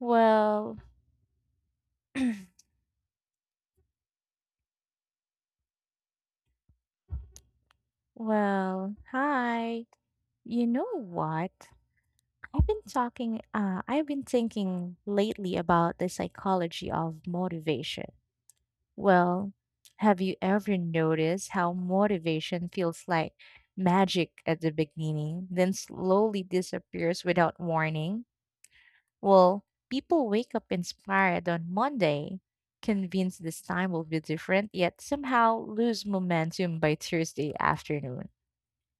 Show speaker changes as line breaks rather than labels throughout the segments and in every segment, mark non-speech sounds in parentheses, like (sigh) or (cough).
Well, well, hi. You know what? I've been thinking lately about the psychology of motivation. Well, have you ever noticed how motivation feels like magic at the beginning, then slowly disappears without warning? Well, people wake up inspired on Monday, convinced this time will be different, yet somehow lose momentum by Thursday afternoon.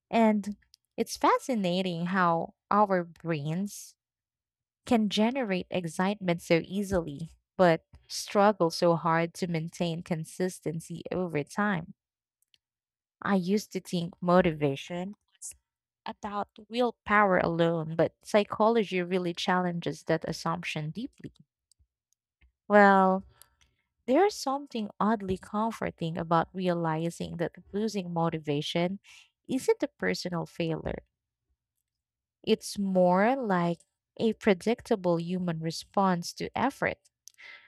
And it's fascinating how our brains can generate excitement so easily, but struggle so hard to maintain consistency over time. I used to think motivation about willpower alone, but psychology really challenges that assumption deeply. Well, there's something oddly comforting about realizing that losing motivation isn't a personal failure. It's more like a predictable human response to effort,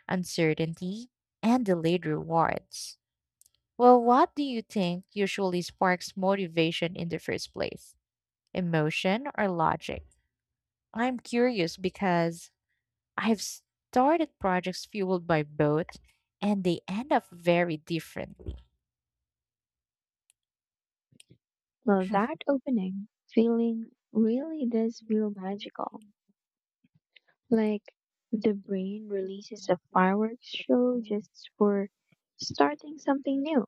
uncertainty, and delayed rewards. Well, what do you think usually sparks motivation in the first place? Emotion or logic? I'm curious because I've started projects fueled by both and they end up very different.
Well, that opening feeling really does feel magical. Like the brain releases a fireworks show just for starting something new.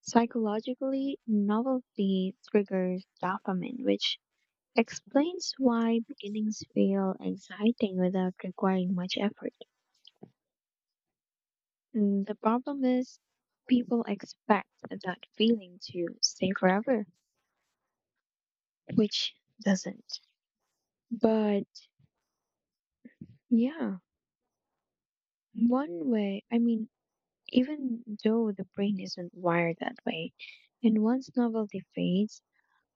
Psychologically, novelty triggers dopamine, which explains why beginnings feel exciting without requiring much effort. The problem is, people expect that feeling to stay forever, which doesn't. But yeah. One way, I mean, Even though the brain isn't wired that way, and once novelty fades,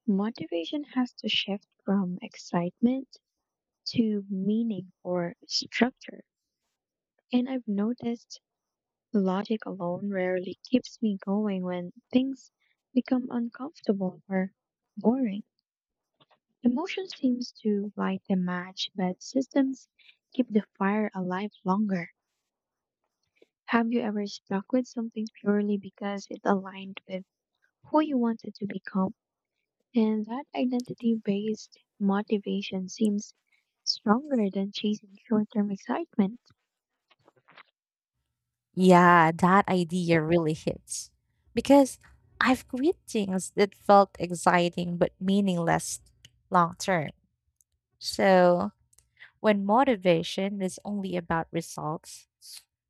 motivation has to shift from excitement to meaning or structure. And I've noticed logic alone rarely keeps me going when things become uncomfortable or boring. Emotion seems to light the match, but systems keep the fire alive longer. Have you ever stuck with something purely because it aligned with who you wanted to become? And that identity based motivation seems stronger than chasing short term excitement.
Yeah, that idea really hits. Because I've quit things that felt exciting but meaningless long term. So when motivation is only about results,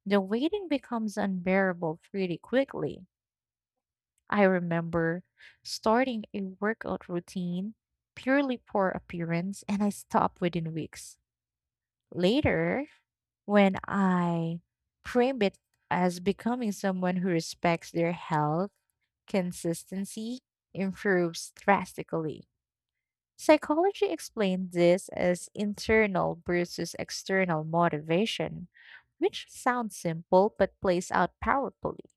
the waiting becomes unbearable pretty quickly. I remember starting a workout routine purely for appearance and I stopped within weeks. Later, when I frame it as becoming someone who respects their health, consistency improves drastically. Psychology explains this as internal versus external motivation, which sounds simple but plays out powerfully.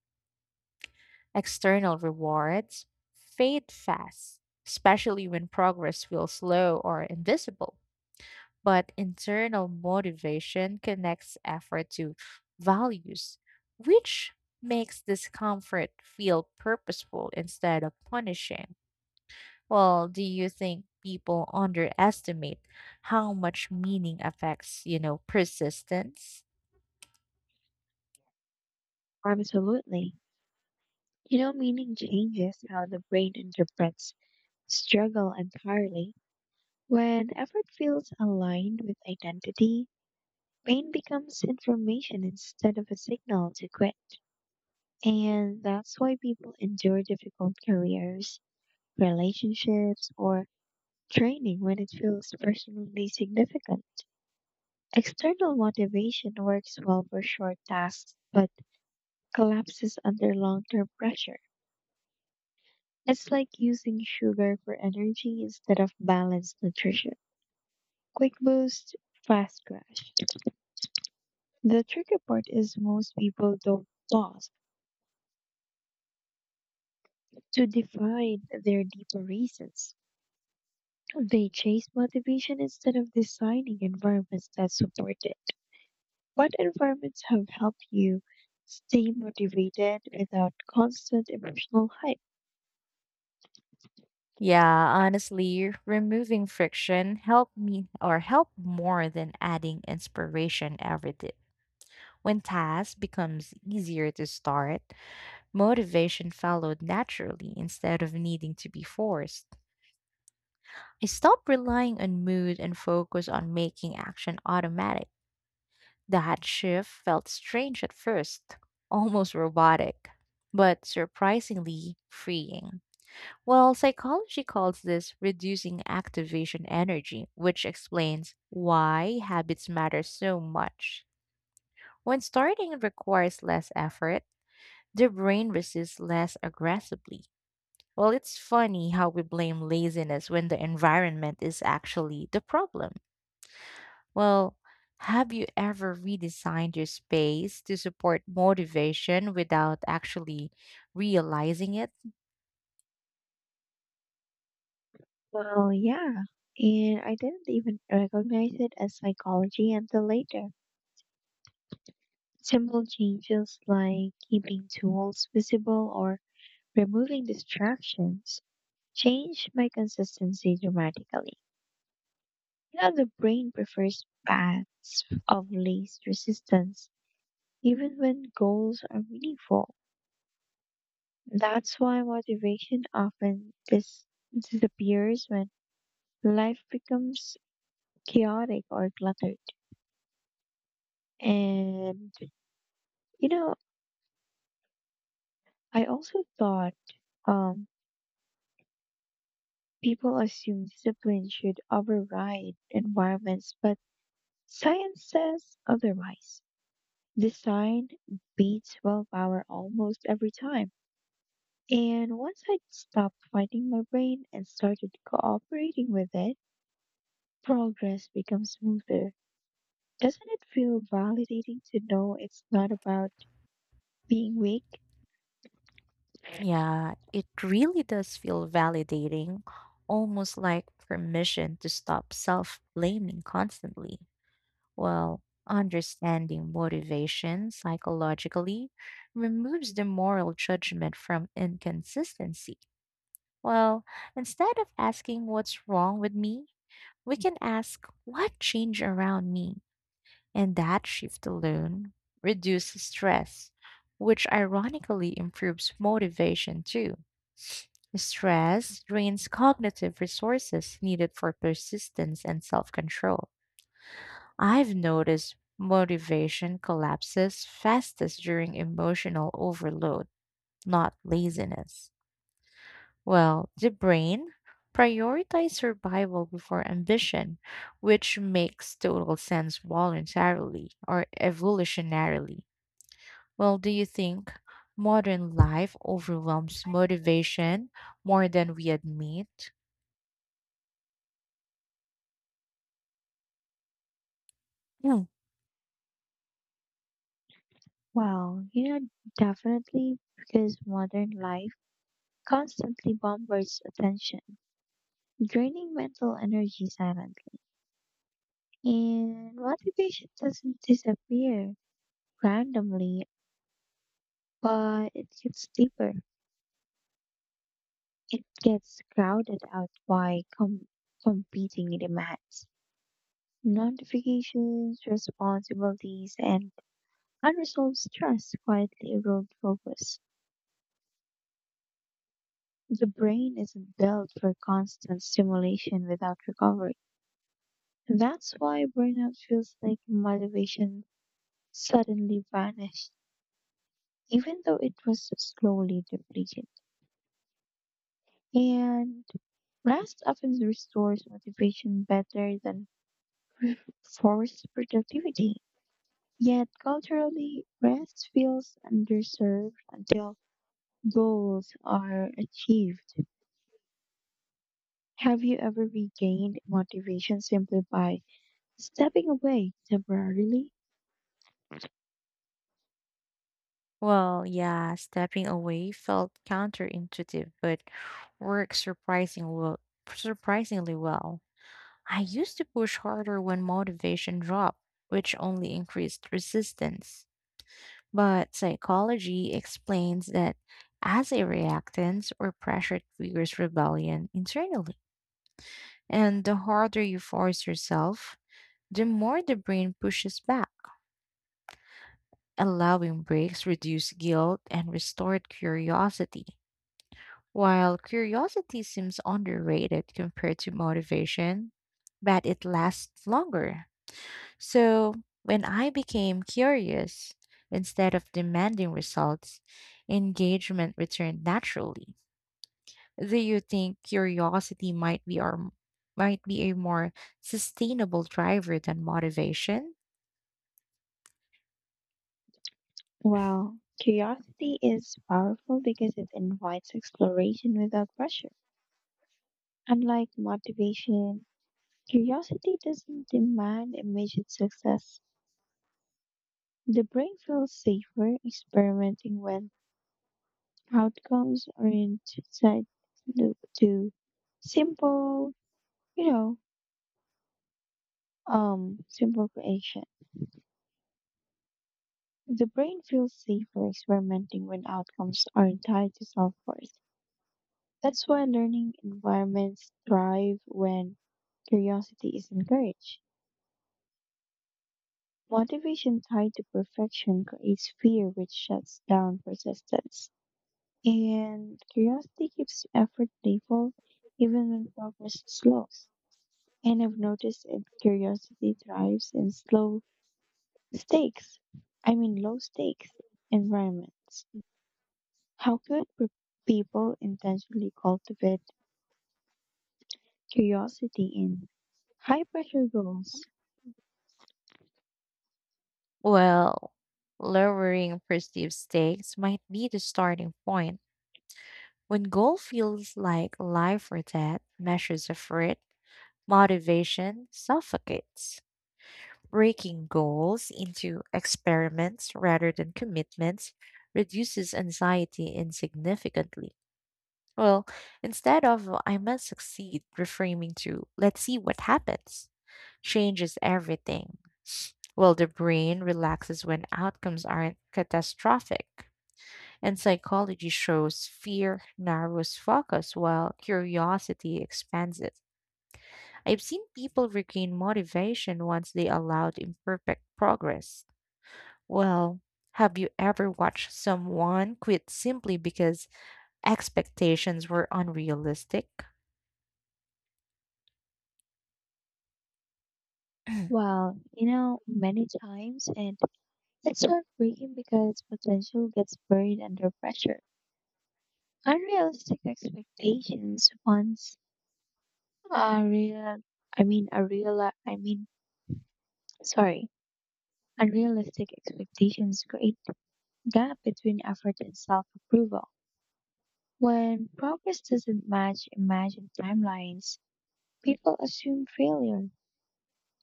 External rewards fade fast, especially when progress feels slow or invisible. But internal motivation connects effort to values, which makes discomfort feel purposeful instead of punishing. Well, do you think people underestimate how much meaning affects, persistence?
Absolutely. You know, meaning changes how the brain interprets struggle entirely. When effort feels aligned with identity, pain becomes information instead of a signal to quit. And that's why people endure difficult careers relationships, or training when it feels personally significant. External motivation works well for short tasks but collapses under long term pressure. It's like using sugar for energy instead of balanced nutrition. Quick boost, fast crash. The tricky part is most people don't pause to define their deeper reasons. They chase motivation instead of designing environments that support it. What environments have helped you stay motivated without constant emotional hype?
Yeah, honestly, removing friction helped me or helped more than adding inspiration ever did. When tasks becomes easier to start, motivation followed naturally instead of needing to be forced. I stopped relying on mood and focused on making action automatic. That shift felt strange at first, almost robotic, but surprisingly freeing. Well, psychology calls this reducing activation energy, which explains why habits matter so much. When starting requires less effort, the brain resists less aggressively. Well, it's funny how we blame laziness when the environment is actually the problem. Well, have you ever redesigned your space to support motivation without actually realizing it?
Well, yeah. And I didn't even recognize it as psychology until later. Simple changes like keeping tools visible or removing distractions changed my consistency dramatically. You know, the brain prefers paths of least resistance, even when goals are meaningful. That's why motivation often disappears when life becomes chaotic or cluttered. And, you know, I also thought um, people assume discipline should override environments, but science says otherwise. Design beats willpower almost every time. And once I stopped fighting my brain and started cooperating with it, progress becomes smoother. Doesn't it feel validating to know it's not about being weak?
Yeah, it really does feel validating, almost like permission to stop self blaming constantly. Well, understanding motivation psychologically removes the moral judgment from inconsistency. Well, instead of asking what's wrong with me, we can ask what changed around me. And that shift alone reduces stress, which ironically improves motivation too. Stress drains cognitive resources needed for persistence and self control. I've noticed motivation collapses fastest during emotional overload, not laziness. Well, the brain prioritizes survival before ambition, which makes total sense voluntarily or evolutionarily. Well, do you think modern life overwhelms motivation more than we admit? Hmm.
Wow, you know, definitely because modern life constantly bombards attention, draining mental energy silently. And motivation doesn't disappear randomly, but it gets deeper. It gets crowded out by competing demands. Notifications, responsibilities, and unresolved stress quietly erode focus. The brain isn't built for constant stimulation without recovery. That's why burnout feels like motivation suddenly vanished, even though it was slowly depleted. And rest often restores motivation better than forced productivity. Yet culturally, rest feels underserved until goals are achieved. Have you ever regained motivation simply by stepping away temporarily?
Well, yeah, stepping away felt counterintuitive, but worked surprising well, surprisingly well. I used to push harder when motivation dropped, which only increased resistance. But psychology explains that as a reactance or pressure triggers rebellion internally. And the harder you force yourself, the more the brain pushes back. Allowing breaks reduce guilt and restored curiosity. While curiosity seems underrated compared to motivation, but it lasts longer. So when I became curious, instead of demanding results, engagement returned naturally. Do you think curiosity might be a more sustainable driver than motivation?
Well, curiosity is powerful because it invites exploration without pressure. Unlike motivation, curiosity doesn't demand immediate success. The brain feels safer experimenting when outcomes aren't set to to simple, you know, um, simple creation. The brain feels safer experimenting when outcomes aren't tied to self-worth. That's why learning environments thrive when curiosity is encouraged. Motivation tied to perfection creates fear, which shuts down persistence. And curiosity keeps effort playful even when progress slows. And I've noticed that curiosity thrives in slow stakes, I mean, low stakes environments. How could people intentionally cultivate curiosity in high pressure goals?
Well, lowering perceived stakes might be the starting point. When goal feels like life or death measures of effort, motivation suffocates. Breaking goals into experiments rather than commitments reduces anxiety insignificantly. Well, instead of "Oh, I must succeed, reframing to let's see what happens changes everything. Well, the brain relaxes when outcomes aren't catastrophic. And psychology shows fear narrows focus while curiosity expands it. I've seen people regain motivation once they allowed imperfect progress. Well, have you ever watched someone quit simply because expectations were unrealistic? (clears throat)
Well, you know, many times, and it's heartbreaking because potential gets buried under pressure. Unrealistic expectations once a real, I mean, a real, I mean, sorry, Unrealistic expectations create gap between effort and self-approval. When progress doesn't match imagined timelines, people assume failure,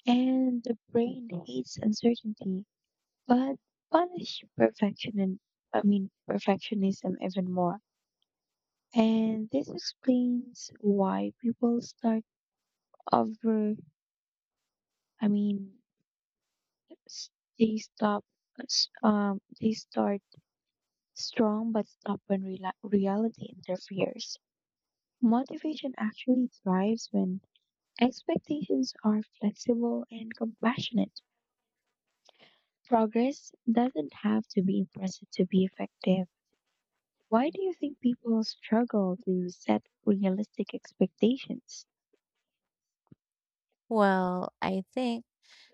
and the brain hates uncertainty. But punish perfection and I mean perfectionism even more. And this explains why people start over. I mean, s- they stop. They start strong but stop when reality interferes. Motivation actually thrives when expectations are flexible and compassionate. Progress doesn't have to be impressive to be effective. Why do you think people struggle to set realistic expectations?
Well, I think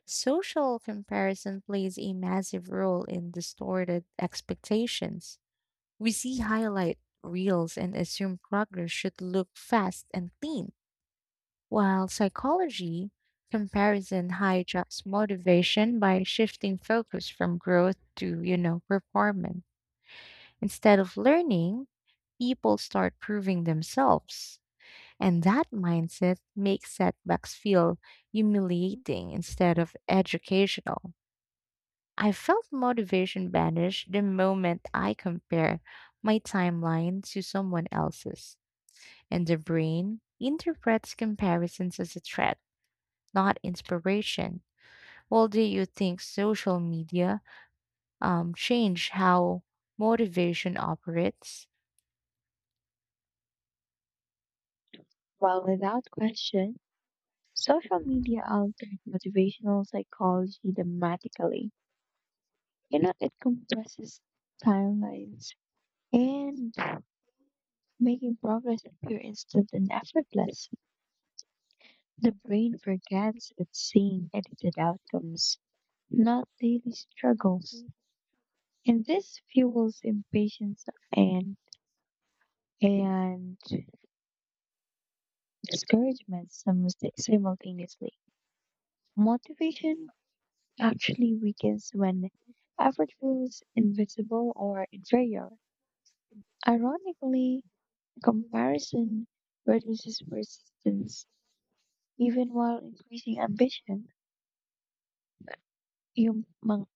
social comparison plays a massive role in distorted expectations. We see highlight reels and assume progress should look fast and clean, while psychology comparison hijacks motivation by shifting focus from growth to, performance. Instead of learning, people start proving themselves. And that mindset makes setbacks feel humiliating instead of educational. I felt motivation vanish the moment I compare my timeline to someone else's, and the brain interprets comparisons as a threat, not inspiration. Well, do you think social media changed how motivation operates?
Well, without question, social media altered motivational psychology dramatically. You know, it compresses timelines and making progress appear instant and effortless. The brain forgets it's seeing edited outcomes, not daily struggles.
Mhm.
And this fuels impatience and and discouragement sim- simultaneously. Motivation actually weakens when effort feels invisible or inferior. Ironically, comparison reduces persistence even while increasing ambition. You, mon-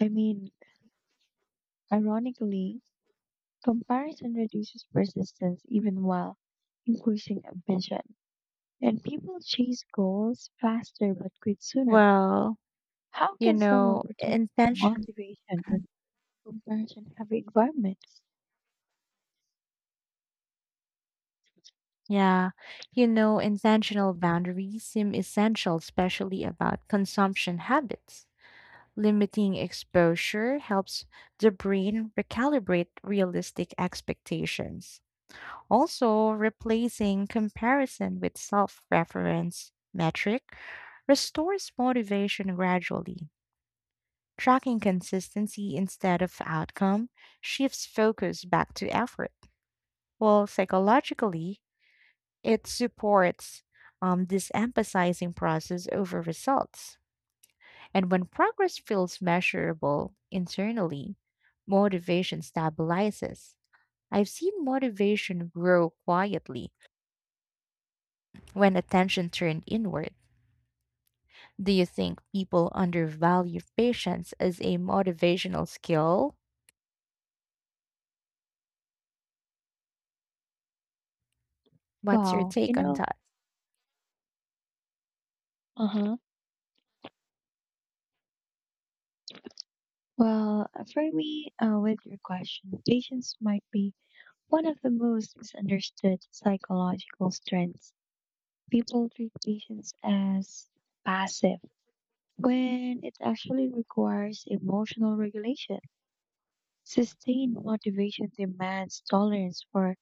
I mean, Ironically, comparison reduces persistence even while increasing ambition. And people chase goals faster but quit sooner.
Well,
How
You
can someone
know,
protect
intention
motivation in comfort and heavy environments?
yeah. You know, intentional boundaries seem essential, especially about consumption habits. Limiting exposure helps the brain recalibrate realistic expectations. Also, replacing comparison with self reference metric restores motivation gradually. Tracking consistency instead of outcome shifts focus back to effort. Well, psychologically, it supports this emphasizing process over results. And when progress feels measurable internally, motivation stabilizes. I've seen motivation grow quietly when attention turned inward. Do you think people undervalue patience as a motivational skill? What's your
Well, you
take on
know,
that?
uh huh. Well, for me, with your question, patience might be one of the most misunderstood psychological strengths. People treat patience as passive when it actually requires emotional regulation. Sustained motivation demands tolerance for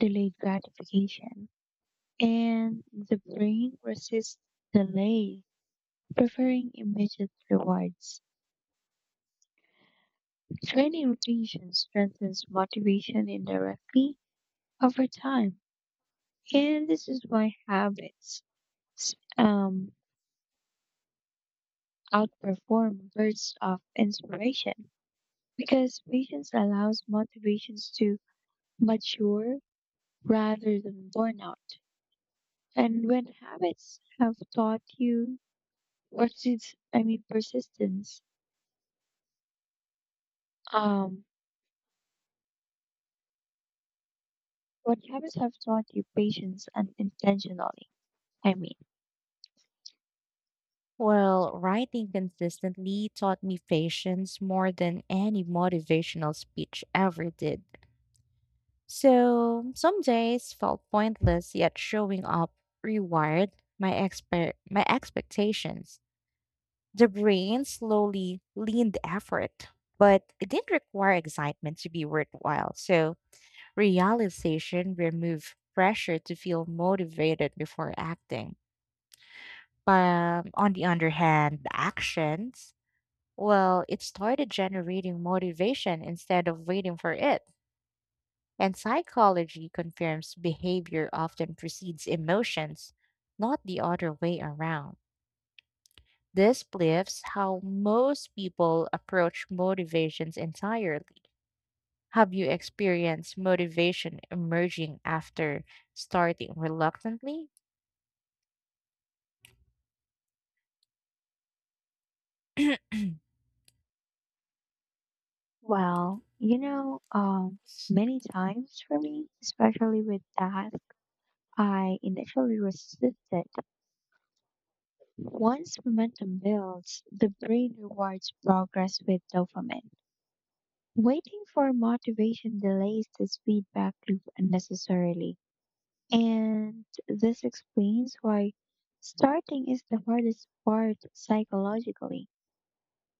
delayed gratification, and the brain resists delay, preferring immediate rewards. Daily rotation strengthens motivation indirectly over time. And this is why habits um, outperform bursts of inspiration because patience allows motivations to mature rather than burn out. And when habits have taught you persist, I mean persistence, um, what habits have taught you patience unintentionally, I mean.
Well, writing consistently taught me patience more than any motivational speech ever did. So some days felt pointless, yet showing up rewired my expectations. The brain slowly leaned effort, but it didn't require excitement to be worthwhile. So realization removed pressure to feel motivated before acting. But on the other hand, the actions, well, it started generating motivation instead of waiting for it. And psychology confirms behavior often precedes emotions, not the other way around. This flips how most people approach motivations entirely. Have you experienced motivation emerging after starting reluctantly?
Well, you know, many times for me, especially with tasks I initially resisted. Once momentum builds, the brain rewards progress with dopamine. Waiting for motivation delays this feedback loop unnecessarily. And this explains why starting is the hardest part psychologically.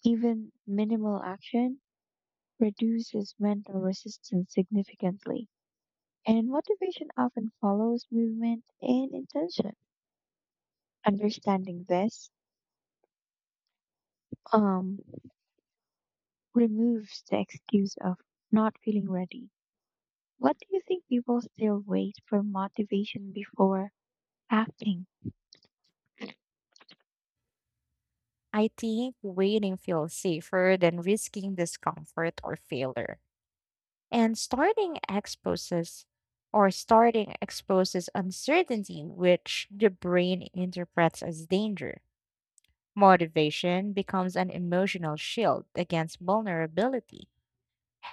Even minimal action reduces mental resistance significantly. And motivation often follows movement and intention. Understanding this um, removes the excuse of not feeling ready. What do you think people still wait for motivation before acting?
I think waiting feels safer than risking discomfort or failure. And starting exposes uncertainty, which the brain interprets as danger. Motivation becomes an emotional shield against vulnerability.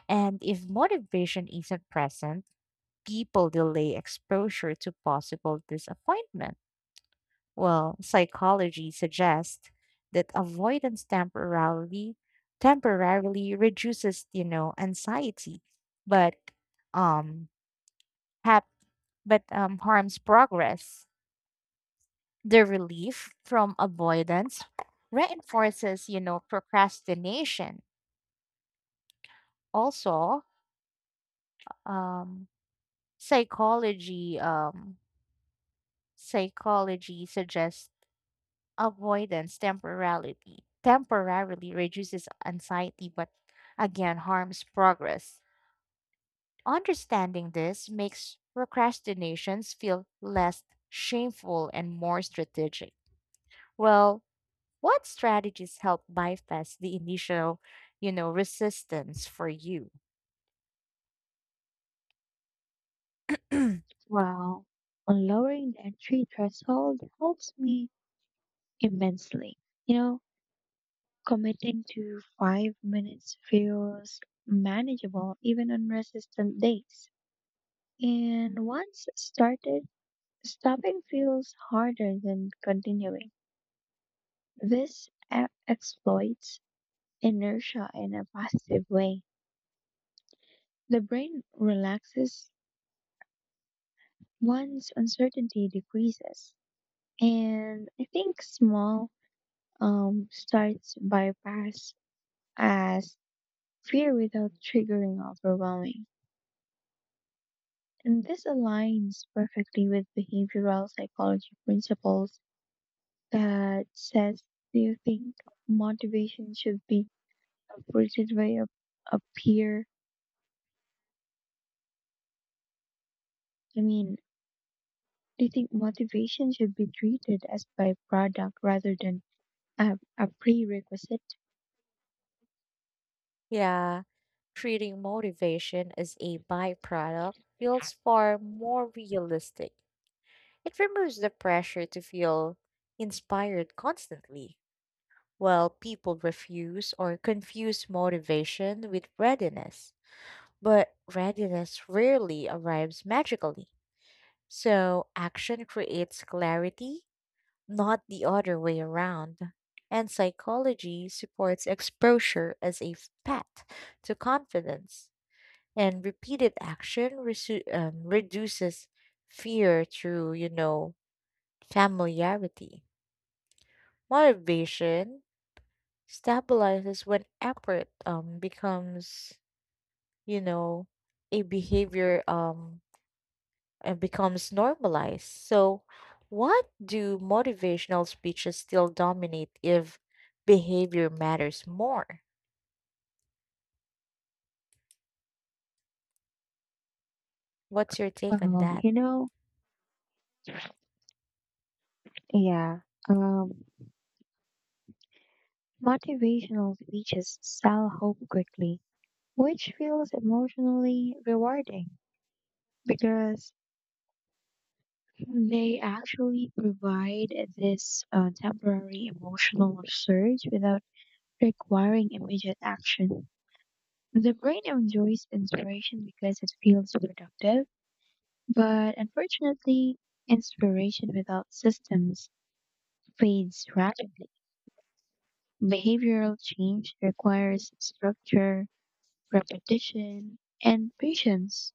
And if motivation isn't present, people delay exposure to possible disappointment. Well, psychology suggests that avoidance temporarily temporarily reduces, anxiety, but um happiness but harms progress. The relief from avoidance reinforces, procrastination. Also, um, psychology um, psychology suggests avoidance temporarily temporarily reduces anxiety, but again harms progress. Understanding this makes procrastinations feel less shameful and more strategic. Well, what strategies help bypass the initial, resistance for you? (clears throat)
Well, lowering the entry threshold helps me immensely. You know, committing to 5 minutes feels manageable even on resistant days. And once started, stopping feels harder than continuing. This exploits inertia in a positive way. The brain relaxes once uncertainty decreases. And I think small starts bypass as fear without triggering overwhelming. And this aligns perfectly with behavioral psychology principles that says, do you think motivation should be treated by a peer? I mean, do you think motivation should be treated as byproduct rather than a prerequisite?
Yeah, treating motivation as a byproduct feels far more realistic. It removes the pressure to feel inspired constantly, while people refuse or confuse motivation with readiness. But readiness rarely arrives magically. So, action creates clarity not the other way around. And psychology supports exposure as a path to confidence, and reduces fear through, familiarity. Motivation stabilizes when effort becomes, you know, a behavior. And becomes normalized. So, what do motivational speeches still dominate if behavior matters more? What's your take on
Well,
that?
you know, yeah. Um, Motivational speeches sell hope quickly, which feels emotionally rewarding because they actually provide this temporary emotional surge without requiring immediate action. The brain enjoys inspiration because it feels productive, but unfortunately, inspiration without systems fades rapidly. Behavioral change
Mhm.
requires structure, repetition, and patience.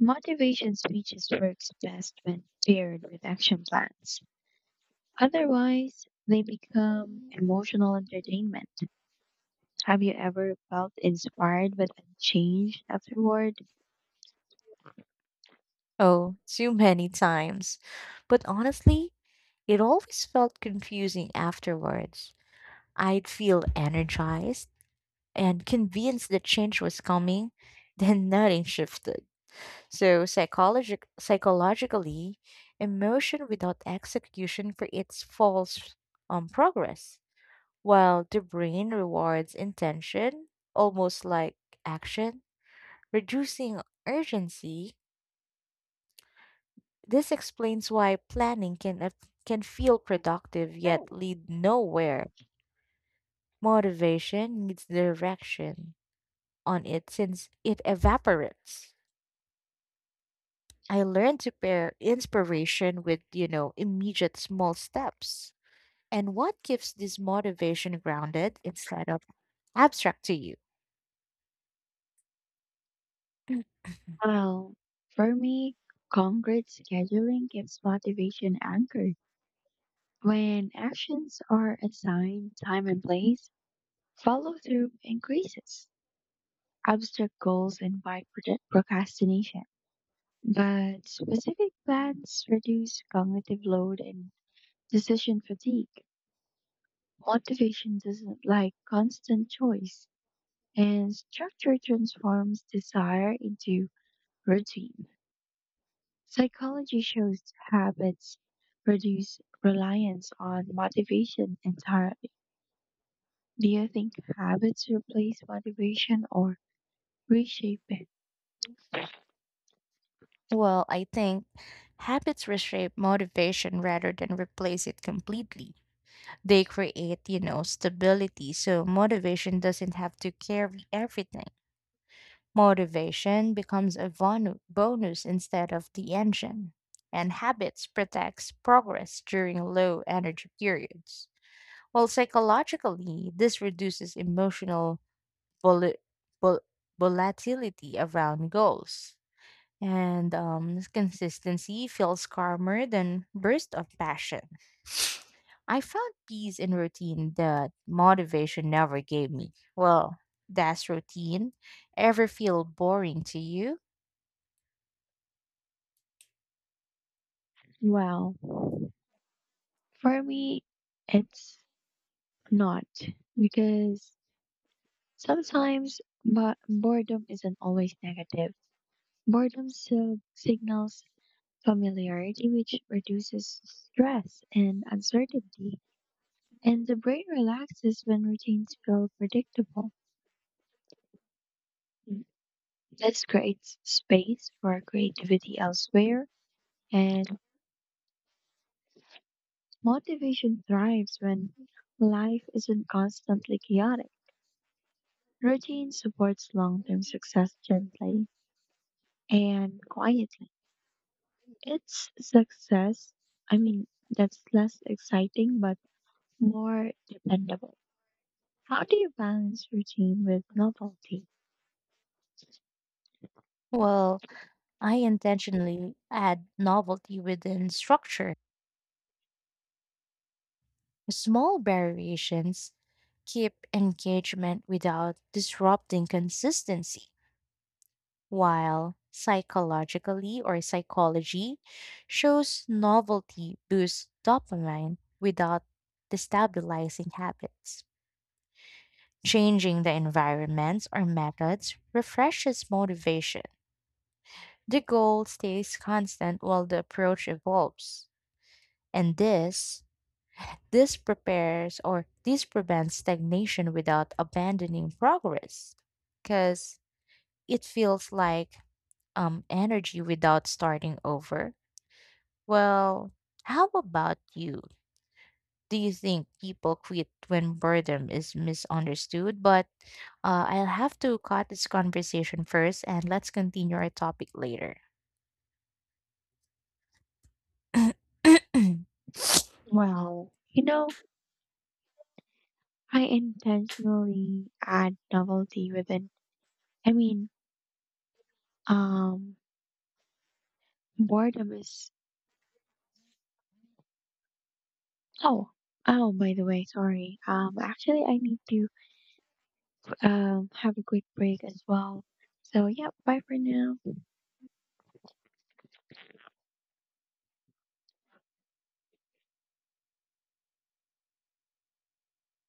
Motivation speeches works best when paired with action plans. Otherwise, they become emotional entertainment. Have you ever felt inspired but unchanged afterward?
Oh, too many times. But honestly, it always felt confusing afterwards. I'd feel energized and convinced that change was coming, then nothing shifted. So psychologically, emotion without execution creates false progress, while the brain rewards intention, almost like action, reducing urgency. This explains why can feel productive yet lead nowhere. Motivation needs direction on it since it evaporates. I learned to pair inspiration with, immediate small steps. And what keeps this motivation grounded instead of abstract to you?
Well, for me, concrete scheduling gives motivation anchored. When actions are assigned time and place, follow through increases. Abstract goals invite procrastination, but specific plans reduce cognitive load and decision fatigue. Motivation doesn't like constant choice, and structure transforms desire into routine. Psychology shows habits reduce reliance on motivation entirely. Do you think habits replace motivation or reshape it?
Well, I think habits reshape motivation rather than replace it completely. They create, stability, so motivation doesn't have to carry everything. Motivation becomes a bonus instead of the engine. And habits protects progress during low energy periods. Well, psychologically, this reduces emotional vol- vol- volatility around goals. And consistency feels calmer than bursts of passion. I found peace in routine that motivation never gave me. Well, that's routine. Ever feel boring to you?
Well, for me, it's not because sometimes but boredom isn't always negative. Boredom still signals familiarity, which reduces stress and uncertainty, and the brain relaxes when routines feel predictable. This creates space for creativity elsewhere, and motivation thrives when life isn't constantly chaotic. Routine supports long term success gently and quietly. It's success, I mean, that's less exciting but more dependable. How do you balance routine with novelty?
Well, I intentionally add novelty within structure. Small variations keep engagement without disrupting consistency. While psychologically or psychology shows novelty boosts dopamine without destabilizing habits. Changing the environments or methods refreshes motivation. The goal stays constant while the approach evolves. And this prepares or this prevents stagnation without abandoning progress. Because it feels like energy without starting over. Well, how about you? Do you think people quit when boredom is misunderstood? But I'll have to cut this conversation first and let's continue our topic later. (clears throat)
Well, you know, I intentionally add novelty within. I mean, um, boredom is. Oh, oh, by the way, sorry. Actually, I need to have a quick break as well. So, yeah, bye for now.